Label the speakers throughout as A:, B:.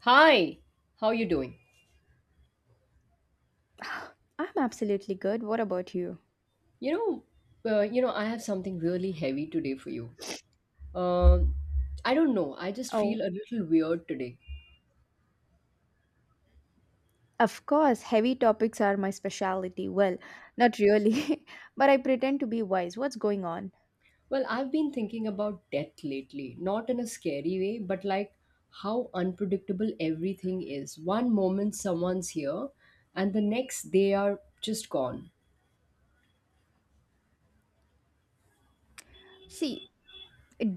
A: Hi, how you doing?
B: I'm absolutely good. What about you?
A: You know, I have something really heavy today for you. Um, I don't know. I just
B: Oh,
A: feel a little weird today.
B: of course, heavy topics are my specialty. Well, not really, but I pretend to be wise. What's going on?
A: Well, I've been thinking about death lately, not in a scary way, but like how unpredictable everything is. One moment someone's here, and the next they are just gone.
B: See,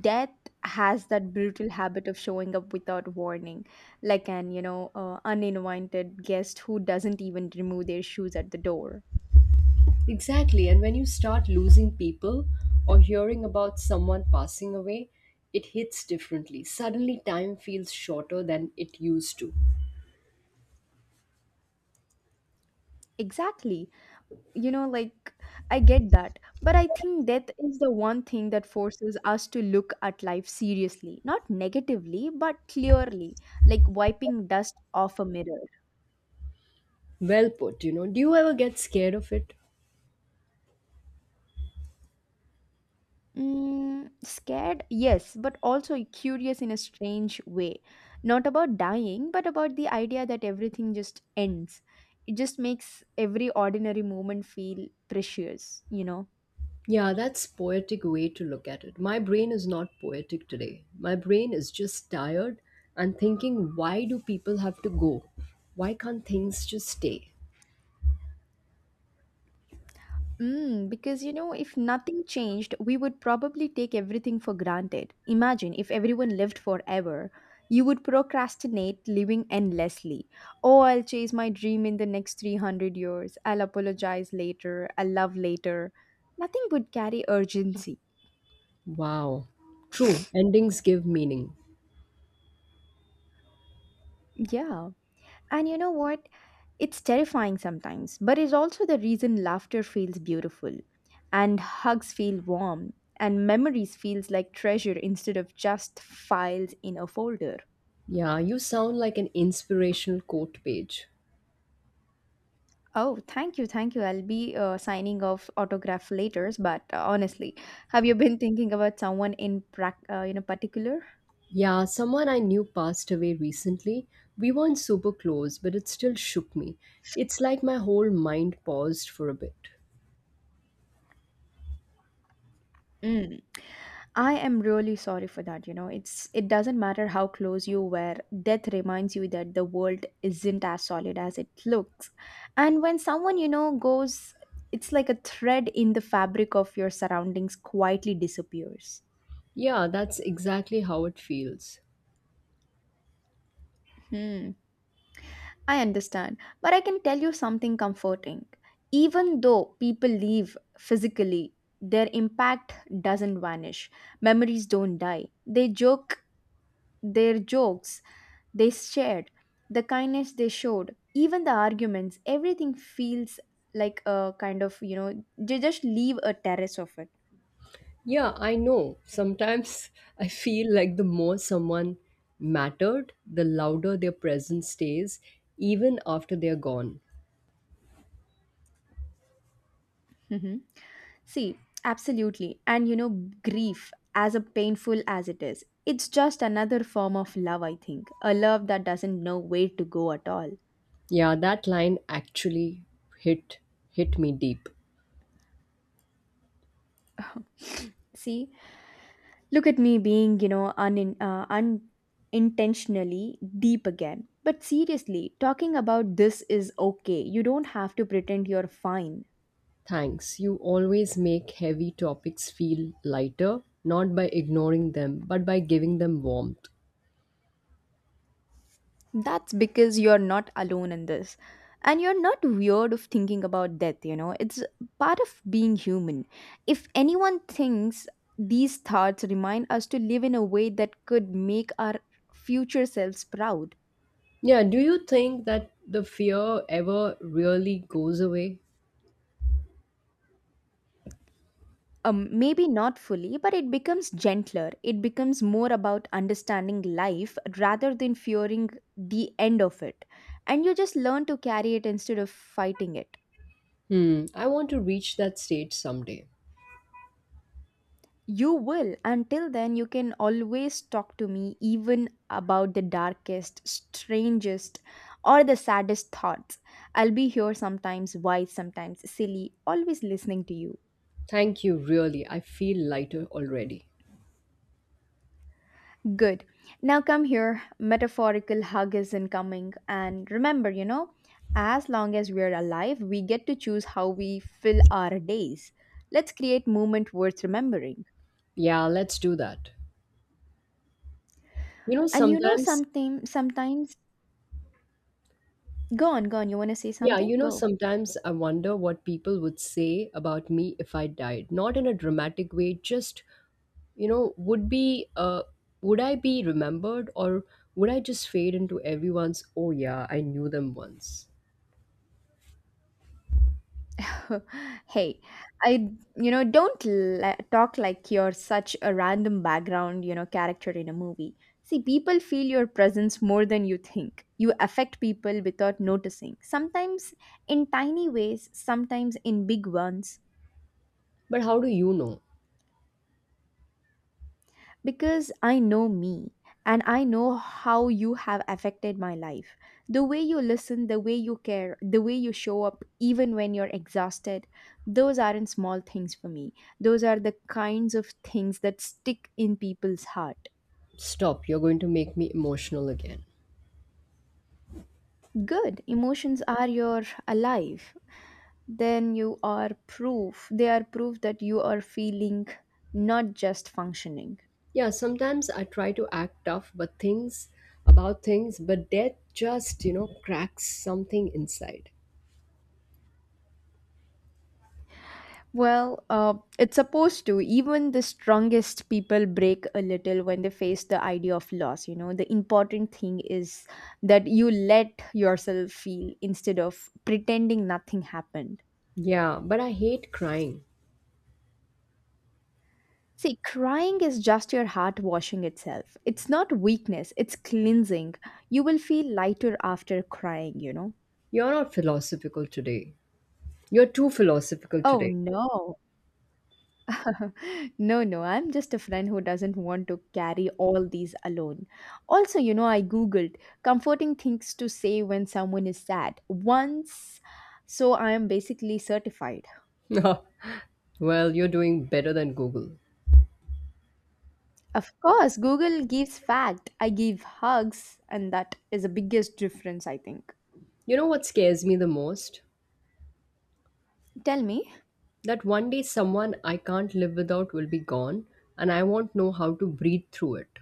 B: death has that brutal habit of showing up without warning, like an, uninvited guest who doesn't even remove their shoes at the door.
A: Exactly. And when you start losing people or hearing about someone passing away, it hits differently. Suddenly, time feels shorter than it used to.
B: Exactly. you know like I get that, but I think death is the one thing that forces us to look at life seriously, not negatively but clearly, like wiping dust off a mirror.
A: Well put, you know. Do you ever get scared of it?
B: Mm, scared, yes, but also curious in a strange way, not about dying but about the idea that everything just ends. It just makes every ordinary moment feel precious,
A: Yeah, that's poetic way to look at it. My brain is not poetic today. My brain is just tired and thinking why do people have to go? Why can't things just stay?
B: Because if nothing changed, we would probably take everything for granted. Imagine if everyone lived forever. You would procrastinate living endlessly. Oh, I'll chase my dream in the next 300 years. I'll apologize later. I'll love later. Nothing would carry urgency.
A: Wow. True, endings give meaning.
B: Yeah. And you know what? It's terrifying sometimes, but it's also the reason laughter feels beautiful and hugs feel warm and memories feels like treasure instead of just files in a folder.
A: Yeah, you sound like an inspirational quote page.
B: Oh, thank you, thank you. I'll be signing off autograph later, but honestly, have you been thinking about someone in particular?
A: Yeah, someone I knew passed away recently. We weren't super close, but it still shook me. It's like my whole mind paused for a bit.
B: Mm. I am really sorry for that, It doesn't matter how close you were, death reminds you that the world isn't as solid as it looks. And when someone, goes, it's like a thread in the fabric of your surroundings quietly disappears.
A: Yeah, that's exactly how it feels.
B: Hmm. I understand. But I can tell you something comforting. Even though people leave physically, their impact doesn't vanish. Memories don't die. They joke Their jokes they shared, the kindness they showed, even the arguments, everything feels like a kind of, they just leave a terrace of it.
A: Yeah, I know. Sometimes I feel like the more someone mattered, the louder their presence stays, even after they're gone.
B: Mhm. See, absolutely. And, grief, as a painful as it is, it's just another form of love, I think. A love that doesn't know where to go at all.
A: Yeah, that line actually hit hit me deep.
B: See, look at me being, unintentionally deep again. But seriously, talking about this is okay. You don't have to pretend you're fine.
A: Thanks. You always make heavy topics feel lighter, not by ignoring them, but by giving them warmth.
B: That's because you're not alone in this. And you're not weird of thinking about death, It's part of being human. If anyone thinks these thoughts remind us to live in a way that could make our future selves proud.
A: Yeah, do you think that the fear ever really goes away?
B: Um, maybe not fully, but it becomes gentler. It becomes more about understanding life rather than fearing the end of it. And you just learn to carry it instead of fighting it.
A: Hmm, I want to reach that stage someday.
B: You will. Until then, you can always talk to me, even about the darkest, strangest, or the saddest thoughts. I'll be here, sometimes wise, sometimes silly, always listening to you.
A: Thank you, really. I feel lighter already.
B: Good. Now come here. Metaphorical hug is incoming. And remember, as long as we're alive, we get to choose how we fill our days. Let's create moment worth remembering.
A: Yeah, let's do that. You know,
B: And you know
A: sometimes,
B: something, sometimes go on, go on. You wanna say
A: yeah,
B: something?
A: you know,
B: Go.
A: sometimes I wonder what people would say about me if I died. Not in a dramatic way, just you know would be would I be remembered, or would I just fade into everyone's oh yeah I knew them once?
B: Hey, I don't la- talk like you're such a random background character in a movie. See, people feel your presence more than you think. You affect people without noticing, sometimes in tiny ways, sometimes in big ones.
A: But how do you know?
B: Because I know me and I know how you have affected my life. The way you listen, the way you care, the way you show up, even when you're exhausted, those aren't small things for me. Those are the kinds of things that stick in people's heart.
A: Stop, you're going to make me emotional again.
B: Good. Emotions are your alive. Then you are proof. They are proof that you are feeling, not just functioning.
A: Yeah, sometimes I try to act tough but things about things but death just, you know, cracks something inside.
B: It's supposed to. Even the strongest people break a little when they face the idea of loss. You know, the important thing is that you let yourself feel instead of pretending nothing happened.
A: Yeah, but I hate crying.
B: See, crying is just your heart washing itself. It's not weakness, it's cleansing. You will feel lighter after crying,
A: You're not philosophical today you're too philosophical
B: Oh
A: today.
B: no, no, no, I'm just a friend who doesn't want to carry all these alone. Also, I googled comforting things to say when someone is sad once, so I am basically certified.
A: Well, you're doing better than Google.
B: Of course, Google gives fact, I give hugs, and that is the biggest difference, I think.
A: You know what scares me the most?
B: Tell me.
A: That one day someone I can't live without will be gone and I won't know how to breathe through it.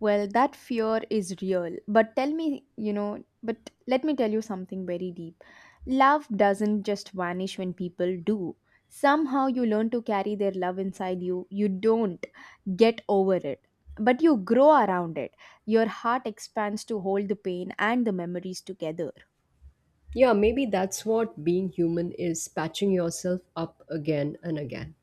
B: Well, that fear is real. But tell me, but let me tell you something very deep. Love doesn't just vanish when people do. Somehow you learn to carry their love inside you. You don't get over it, but you grow around it. Your heart expands to hold the pain and the memories together.
A: Yeah, maybe that's what being human is, patching yourself up again and again.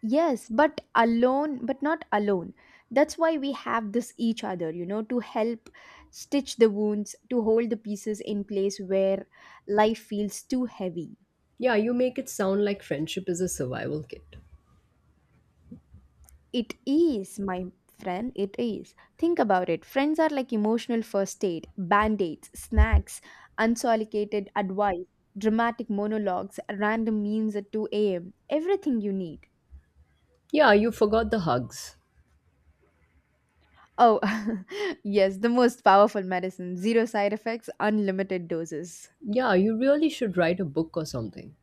B: Yes, but alone, but not alone. That's why we have this each other, to help stitch the wounds, to hold the pieces in place where life feels too heavy.
A: Yeah, you make it sound like friendship is a survival kit.
B: It is, my friend, it is. Think about it. Friends are like emotional first aid, band aids, snacks, unsolicited advice, dramatic monologues, random memes at 2 a.m., everything you need.
A: Yeah, you forgot the hugs.
B: Oh, yes, the most powerful medicine. Zero side effects, unlimited doses.
A: Yeah, you really should write a book or something.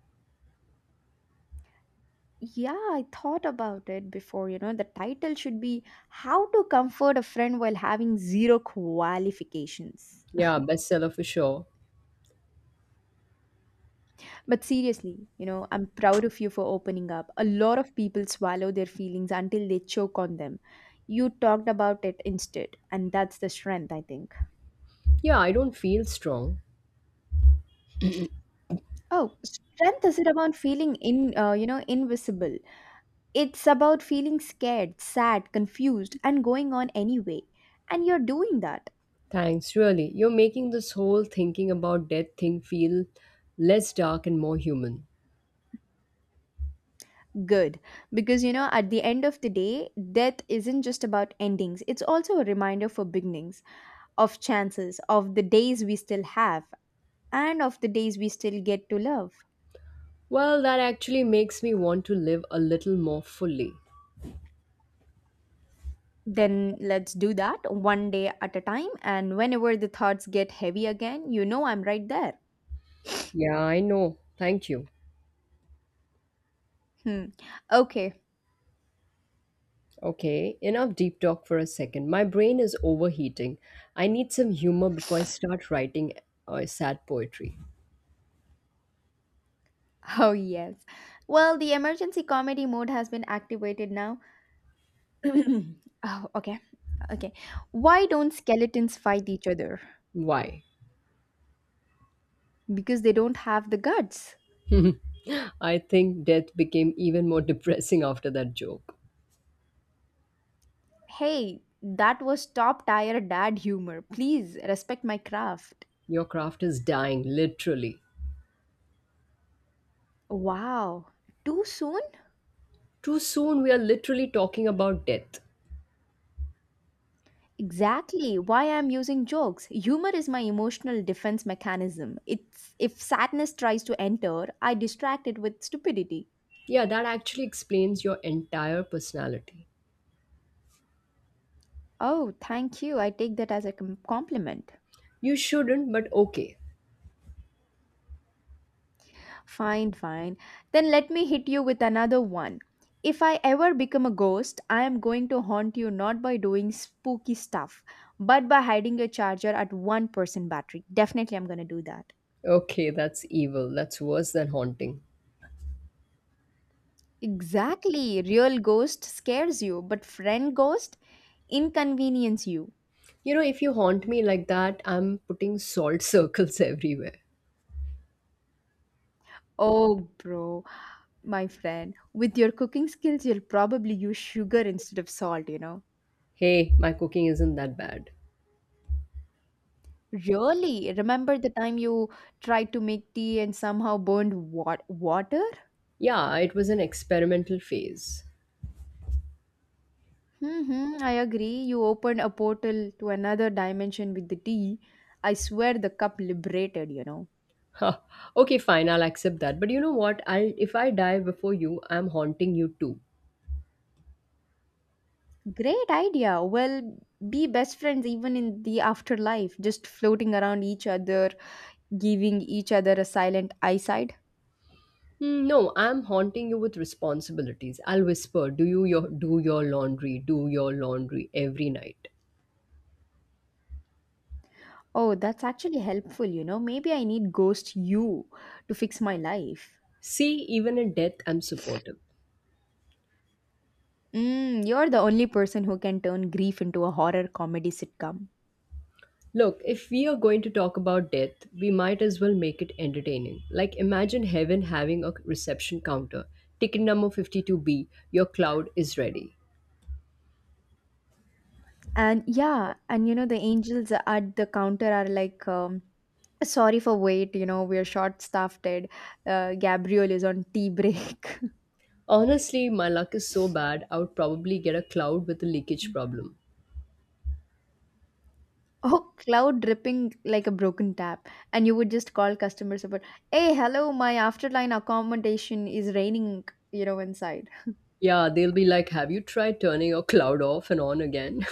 B: Yeah, I thought about it before. You know, the title should be How to Comfort a Friend While Having Zero Qualifications.
A: Yeah, bestseller for sure.
B: But seriously, I'm proud of you for opening up. A lot of people swallow their feelings until they choke on them. You talked about it instead, and that's the strength, I think.
A: Yeah, I don't feel strong.
B: Oh, strength isn't about feeling invisible. It's about feeling scared, sad, confused, and going on anyway. And you're doing that.
A: Thanks, really. You're making this whole thinking about death thing feel less dark and more human.
B: Good. Because, at the end of the day, death isn't just about endings, it's also a reminder for beginnings, of chances, of the days we still have, and of the days we still get to love.
A: Well, that actually makes me want to live a little more fully.
B: Then let's do that one day at a time, and whenever the thoughts get heavy again, you know I'm right there.
A: Yeah, I know. Thank you.
B: Hmm. Okay.
A: Okay, enough deep talk for a second. My brain is overheating. I need some humor before I start writing sad poetry.
B: Oh, yes. Well, the emergency comedy mode has been activated now. Oh, okay. Okay. Why don't skeletons fight each other?
A: Why?
B: Because they don't have the guts.
A: I think death became even more depressing after that joke.
B: Hey, that was top tier dad humor. Please respect my craft.
A: Your craft is dying, literally.
B: Wow. Too soon?
A: Too soon, we are literally talking about death.
B: Exactly why I'm using jokes. Humor is my emotional defense mechanism. It's if sadness tries to enter, I distract it with stupidity.
A: Yeah, that actually explains your entire personality.
B: Oh, thank you. I take that as a compliment.
A: You shouldn't, but okay.
B: Fine. Then let me hit you with another one. If I ever become a ghost, I am going to haunt you not by doing spooky stuff, but by hiding your charger at 1% battery. Definitely, I'm going to do that.
A: Okay, that's evil. That's worse than haunting.
B: Exactly. Real ghost scares you, but friend ghost inconvenience you.
A: You know, if you haunt me like that, I'm putting salt circles everywhere.
B: Oh, bro, my friend, with your cooking skills, you'll probably use sugar instead of salt,
A: Hey, my cooking isn't that bad.
B: Really? Remember the time you tried to make tea and somehow burned water?
A: Yeah, it was an experimental phase.
B: Hmm, I agree. You opened a portal to another dimension with the tea. I swear the cup liberated,
A: Huh. Okay, fine, I'll accept that. But you know what? I'll if I die before you, I'm haunting you too.
B: Great idea. Well, be best friends even in the afterlife, just floating around each other, giving each other a silent eyeside.
A: Hmm, no, I'm haunting you with responsibilities. I'll whisper, do your laundry every night."
B: Oh, that's actually helpful, Maybe I need ghost you to fix my life.
A: See, even in death, I'm supportive.
B: Mm, you're the only person who can turn grief into a horror comedy sitcom.
A: Look, if we are going to talk about death, we might as well make it entertaining. Like, imagine heaven having a reception counter. Ticket number 52B, your cloud is ready.
B: And yeah, and you know, the angels at the counter are like, sorry for wait, we're short staffed. Gabriel is on tea break.
A: Honestly, my luck is so bad, I would probably get a cloud with a leakage problem.
B: Oh, cloud dripping like a broken tap. And you would just call customer support, hey, hello, my afterline accommodation is raining, inside.
A: Yeah, they'll be like, have you tried turning your cloud off and on again?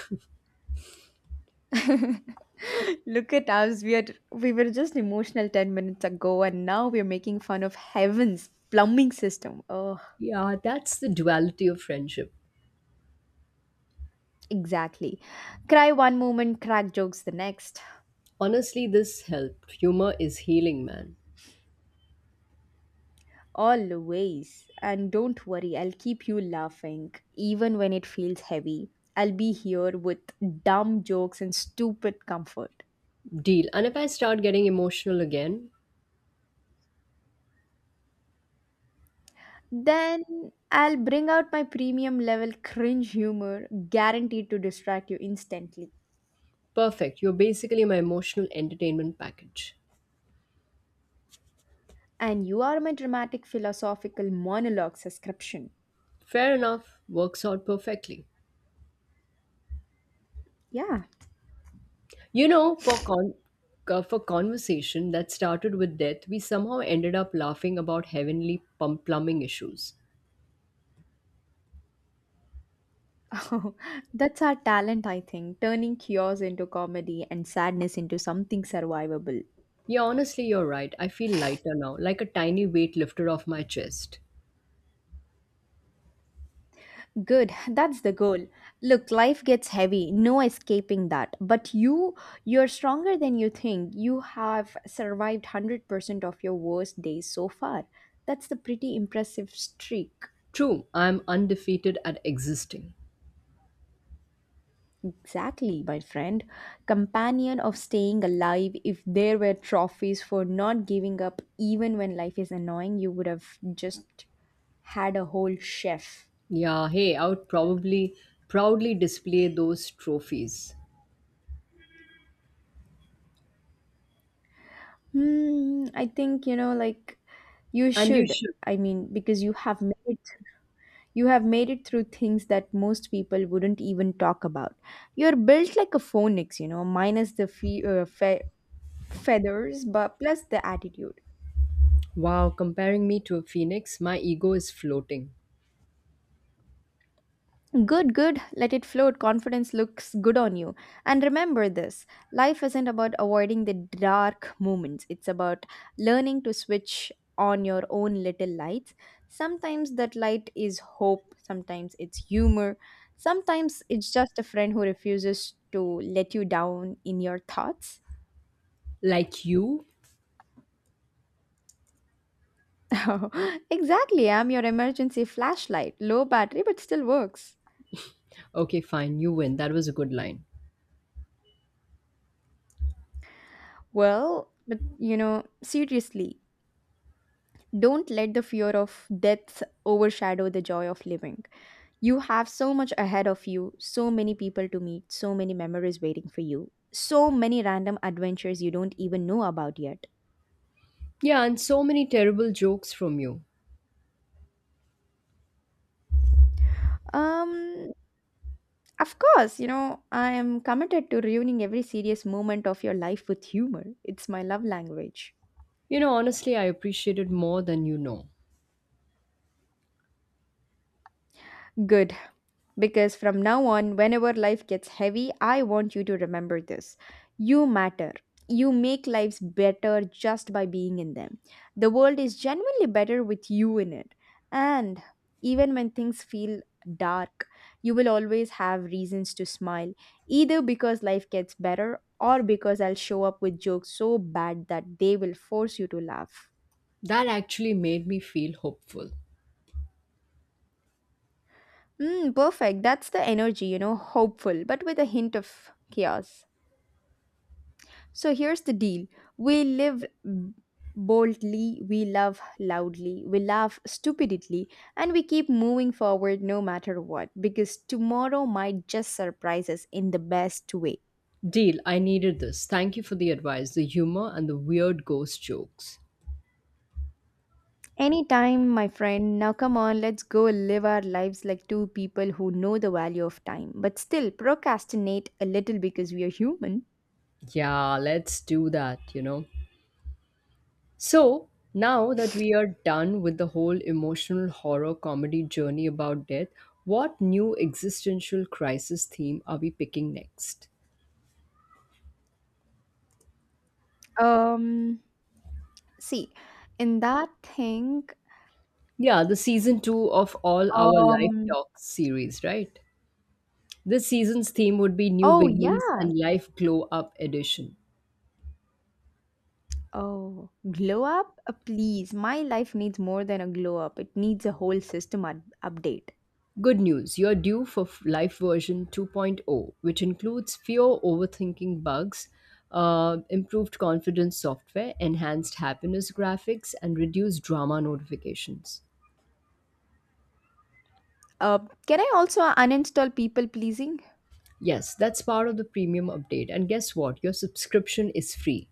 B: Look at us. We were just emotional 10 minutes ago and now we're making fun of heaven's plumbing system. Oh,
A: Yeah, that's the duality of friendship.
B: exactly. Cry one moment, crack jokes the next.
A: Honestly, this helped. Humor is healing, man.
B: Always. And don't worry, I'll keep you laughing even when it feels heavy. I'll be here with dumb jokes and stupid comfort.
A: Deal. And if I start getting emotional again.
B: Then I'll bring out my premium level cringe humor, guaranteed to distract you instantly.
A: Perfect. You're basically my emotional entertainment package.
B: And you are my dramatic philosophical monologue subscription.
A: Fair enough. Works out perfectly.
B: Yeah.
A: You know, for for conversation that started with death, we somehow ended up laughing about heavenly plumbing issues.
B: Oh, that's our talent, I think, turning chaos into comedy and sadness into something survivable.
A: Yeah, honestly, you're right. I feel lighter now, like a tiny weight lifted off my chest.
B: Good, that's the goal. Look, life gets heavy, no escaping that. But you, you're stronger than you think. You have survived 100% of your worst days so far. That's the pretty impressive streak.
A: True, I'm undefeated at existing.
B: Exactly, my friend. Companion of staying alive, if there were trophies for not giving up, even when life is annoying, you would have just had a whole chef.
A: Yeah, hey, I would probably proudly display those trophies.
B: Hmm, I think, you
A: And you
B: should.
A: should.
B: I mean, because you have made it, you have made it through things that most people wouldn't even talk about. You're built like a phoenix, you know, minus the feathers, but plus the attitude.
A: Wow, comparing me to a phoenix, my ego is floating.
B: Good, good. Let it float. Confidence looks good on you. And remember, this life isn't about avoiding the dark moments, it's about learning to switch on your own little lights. Sometimes that light is hope, sometimes it's humor, sometimes it's just a friend who refuses to let you down in your thoughts.
A: Like you?
B: Exactly, I'm your emergency flashlight. Low battery, but still works.
A: Okay, fine, you win. That was a good line.
B: Well, but you know, seriously, don't let the fear of death overshadow the joy of living. You have so much ahead of you, so many people to meet, so many memories waiting for you, so many random adventures you don't even know about yet.
A: Yeah, and so many terrible jokes from you.
B: Um, of course, you know, I am committed to ruining every serious moment of your life with humor. It's my love language.
A: You know, honestly, I appreciate it more than you know.
B: Good. Because from now on, whenever life gets heavy, I want you to remember this. You matter. You make lives better just by being in them. The world is genuinely better with you in it. And even when things feel dark, you will always have reasons to smile, either because life gets better or because I'll show up with jokes so bad that they will force you to laugh.
A: That actually made me feel hopeful.
B: Mm, perfect. That's the energy, you know, hopeful, but with a hint of chaos. So here's the deal. We live boldly, we love loudly, we laugh stupidly, and we keep moving forward no matter what, because tomorrow might just surprise us in the best way.
A: Deal, I needed this. Thank you for the advice, the humor, and the weird ghost jokes.
B: Anytime, my friend. Now, come on, let's go live our lives like two people who know the value of time, but still procrastinate a little because we are human.
A: Yeah, let's do that, you know. So, now that we are done with the whole emotional horror comedy journey about death, what new existential crisis theme are we picking next?
B: Um, See, in that thing,
A: Yeah, the season two of All Our Life
B: um,
A: Talks series, right? This season's theme would be New
B: oh,
A: Beginnings
B: yeah.
A: and Life Glow Up Edition.
B: Oh, glow up? Please, my life needs more than a glow up. It needs a whole update.
A: Good news, you're due for Life version 2.0, which includes fewer overthinking bugs, improved confidence software, enhanced happiness graphics, and reduced drama notifications.
B: Uh, can I also uninstall people pleasing?
A: Yes, that's part of the premium update. And guess what? Your subscription is free.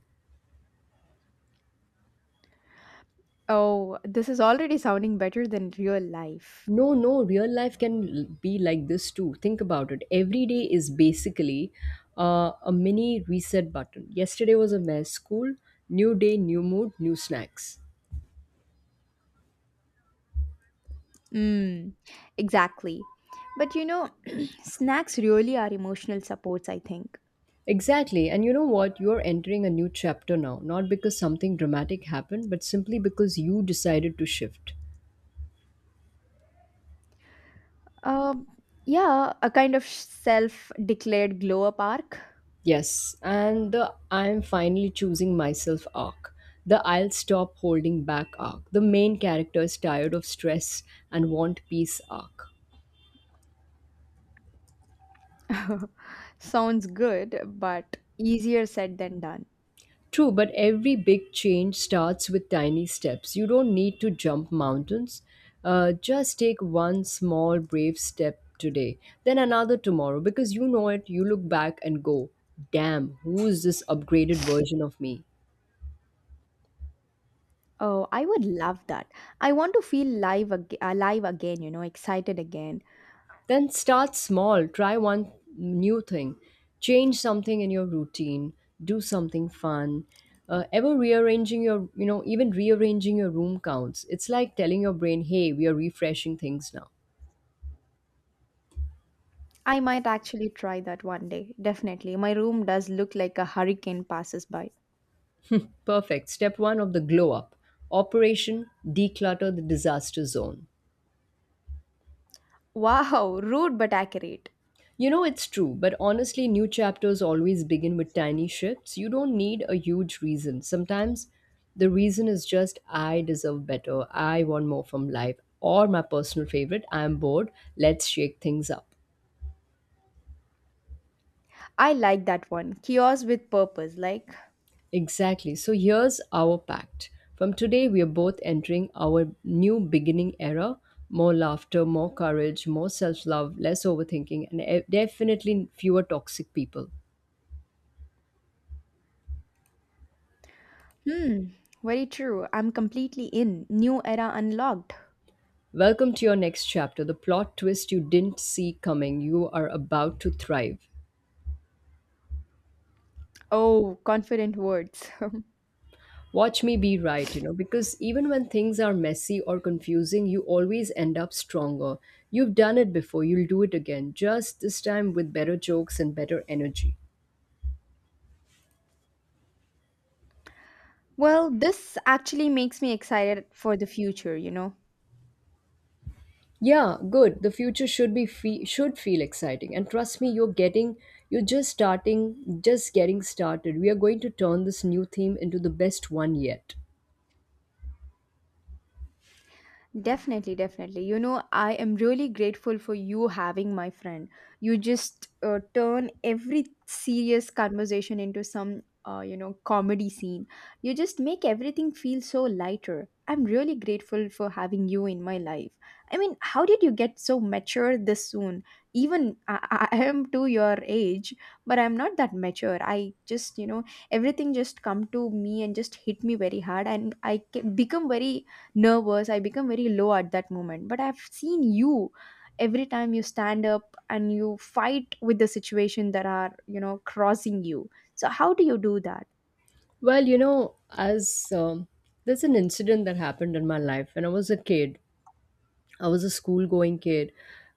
B: Oh, this is already sounding better than real life.
A: No, no, real life be like this too. Think about it. Every day is basically a mini reset button. Yesterday was a mess. School, new day, new mood, new snacks.
B: Mm, exactly. But you know, snacks really are emotional supports, I think.
A: Exactly. And you know what? You're entering a new chapter now, not because something dramatic happened, but simply because you decided to shift.
B: Um, yeah, a kind of self declared glow up arc.
A: Yes, and the I'm finally choosing myself arc. The I'll stop holding back arc. The main character is tired of stress and want peace arc.
B: Sounds good, but easier said than done.
A: True, but every big change starts with tiny steps. You don't need to jump mountains. Just take one small, brave step today, then another tomorrow, because you know it. You look back and go, damn, who is this upgraded version of me?
B: Oh, I would love that. I want to feel alive again, you know, excited again.
A: Then start small. Try one new thing. Change something in your routine. Do something fun. Ever rearranging your, you know, even rearranging your room counts. It's like telling your brain, hey, we are refreshing things now.
B: I might actually try that one day. Definitely. My room does look like a hurricane passes by.
A: Perfect. Step one of the glow up: Operation Declutter the Disaster Zone.
B: Wow, rude but accurate.
A: You know, it's true, but honestly, new chapters always begin with tiny shifts. You don't need a huge reason. Sometimes the reason is just I deserve better, I want more from life, or my personal favorite, I'm bored, let's shake things up.
B: I like that one. Kiosk with purpose. Like,
A: Exactly. So here's our pact. From today, we are both entering our new beginning era: more laughter, more courage, more self love, less overthinking, and definitely fewer toxic people.
B: hmm, very true. I'm completely in. New era unlocked.
A: Welcome to your next chapter, the plot twist you didn't see coming. You are about to thrive.
B: Oh, confident words.
A: Watch me be right, you know, because even when things are messy or confusing, you always end up stronger. You've done it before, you'll do it again, just this time with better jokes and better energy.
B: Well, this actually makes me excited for the future, you know.
A: Yeah, good. The future should should feel exciting, and trust me, you're just starting, just getting started. We are going to turn this new theme into the best one yet.
B: Definitely, definitely. You know, I am really grateful for you having my friend. You just turn every serious conversation into some, you know, comedy scene. You just make everything feel so lighter. I'm really grateful for having you in my life. I mean, how did you get so mature this soon? Even I am to your age, but I'm not that mature. I just, you know, everything just come to me and just hit me very hard, and I become very nervous, I become very low at that moment. But I've seen you every time. You stand up and you fight with the situation that are, you know, crossing you. So how do you do that?
A: Well, you know, as there's an incident that happened in my life when I was a kid. I was a school going kid.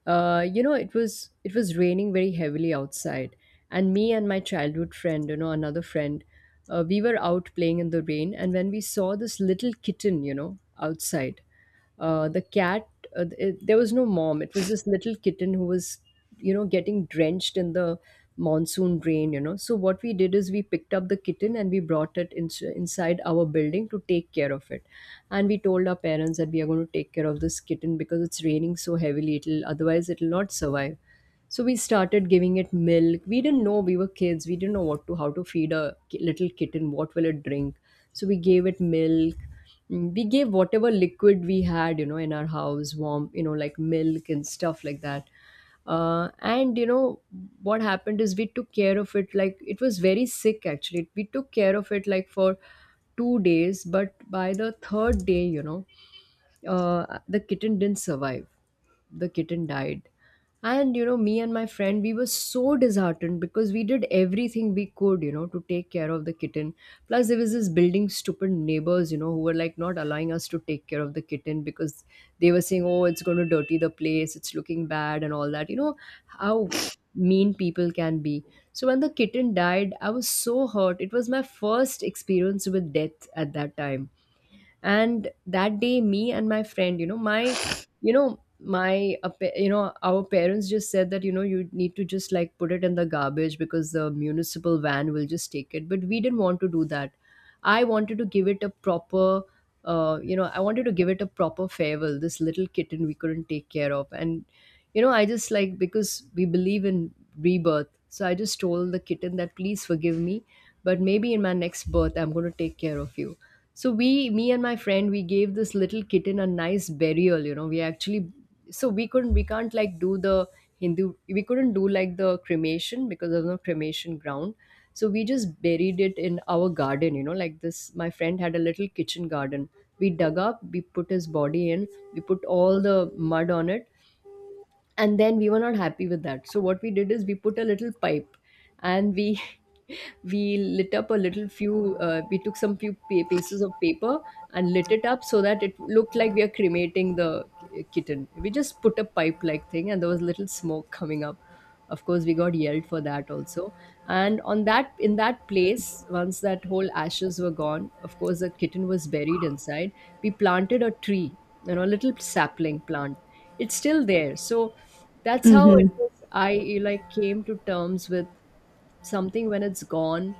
A: You know, it was raining very heavily outside, and me and my childhood friend, you know, another friend, we were out playing in the rain, and when we saw this little kitten, you know, outside, the cat. There was no mom. It was this little kitten who was, getting drenched in the monsoon rain. So what we did is we picked up the kitten and we brought it in, inside our building to take care of it. And we told our parents that we are going to take care of this kitten because it's raining so heavily, it'll, otherwise it'll not survive. So we started giving it milk. We didn't know, we were kids, we didn't know what to, how to feed a little kitten, what will it drink. So we gave it milk. We gave whatever liquid we had, in our house, warm, like milk and stuff like that. And what happened is we took care of it, like it was very sick actually. We took care of it like for 2 days, but by the third day, the kitten didn't survive. The kitten died. And me and my friend, we were so disheartened because we did everything we could, to take care of the kitten. Plus there was this building, stupid neighbors, who were like not allowing us to take care of the kitten because they were saying, oh, it's going to dirty the place, it's looking bad and all that. You know how mean people can be. So when the kitten died, I was so hurt. It was my first experience with death at that time. And that day, me and my friend, you know my pa- you know our parents just said that, you know, you need to just like put it in the garbage because the municipal van will just take it, but we didn't want to do that. I wanted to give it a proper, I wanted to give it a proper farewell, this little kitten we couldn't take care of. And I just like, because we believe in rebirth, so I just told the kitten that please forgive me, but maybe in my next birth I'm going to take care of you. So we, me and my friend, we gave this little kitten a nice burial. You know, we actually, so we couldn't, we can't like do the Hindu, we couldn't do like the cremation because there's no cremation ground. So we just buried it in our garden. You know, like this, my friend had a little kitchen garden. We dug up, we put his body in, we put all the mud on it, and then we were not happy with that. So what we did is we put a little pipe and we we lit up a little few, we took some few pieces of paper and lit it up so that it looked like we are cremating the kitten. We just put a pipe like thing and there was little smoke coming up. Of course, we got yelled for that also. And on that, in that place, once that whole ashes were gone, of course, the kitten was buried inside, we planted a tree, you know, a little sapling plant. It's still there. So that's how it
B: Mm-hmm.
A: was. I like came to terms with something. When it's gone,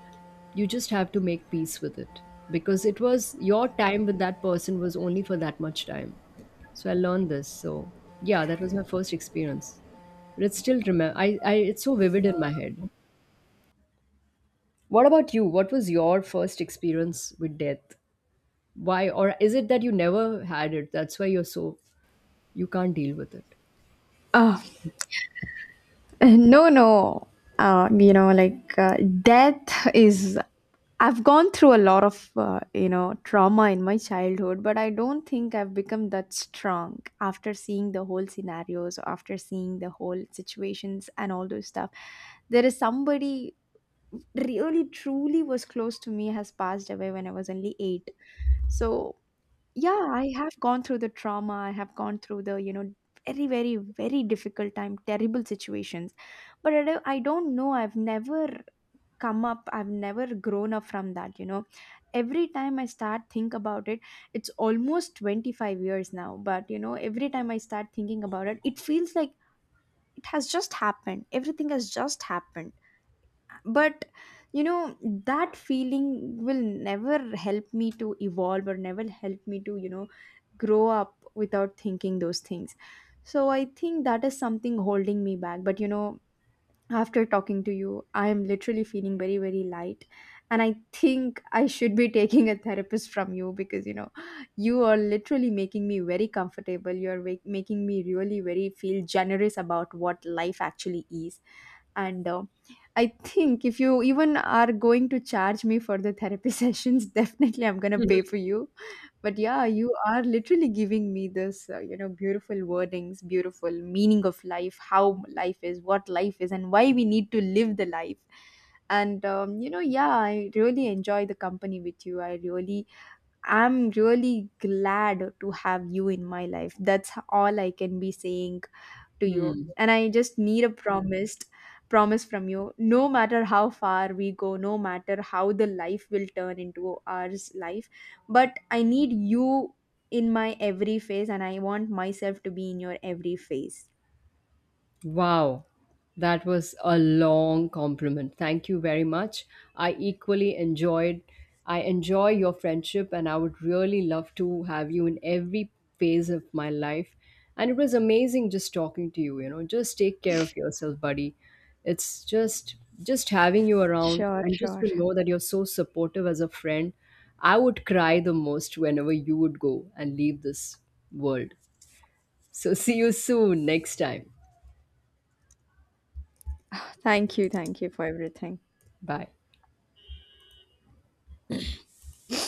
A: you just have to make peace with it, because it was, your time with that person was only for that much time. So I learned this. So yeah, that was my first experience, but it's still, remember, I it's so vivid in my head. What about you? What was your first experience with death? Why, or is it that you never had it, that's why you're so, you can't deal with it?
B: Oh, no, you know, like, death is, I've gone through a lot of, you know, trauma in my childhood, but I don't think I've become that strong after seeing the whole scenarios, after seeing the whole situations and all those stuff. There is somebody really truly was close to me has passed away when I was only eight. So yeah, I have gone through the trauma. I have gone through the, you know, very, very, very difficult time, terrible situations. But I don't know. I've never come up. I've never grown up from that, you know. Every time I start think about it, it's almost 25 years now. But, you know, every time I start thinking about it, it feels like it has just happened. Everything has just happened. But, you know, that feeling will never help me to evolve or never help me to, you know, grow up without thinking those things. So I think that is something holding me back. But, you know, after talking to you, I am literally feeling very, very light. And I think I should be taking a therapist from you, because, you know, you are literally making me very comfortable. You're making me really, very feel generous about what life actually is. And I think if you even are going to charge me for the therapy sessions, definitely I'm going to pay for you. But yeah, you are literally giving me this, you know, beautiful wordings, beautiful meaning of life, how life is, what life is, and why we need to live the life. And you know, yeah, I really enjoy the company with you. I really, I'm really glad to have you in my life. That's all I can be saying to you. And I just need a promised promise from you, no matter how far we go, no matter how the life will turn into ours life, but I need you in my every phase, and I want myself to be in your every phase.
A: Wow, that was a long compliment. Thank you very much. I equally enjoyed, I enjoy your friendship and I would really love to have you in every phase of my life. And it was amazing just talking to you, you know. Just take care of yourself, buddy. It's just having you around
B: Sure,
A: and just
B: sure.
A: to know that you're so supportive as a friend. I would cry the most whenever you would go and leave this world. So see you soon next time.
B: Thank you for everything.
A: Bye.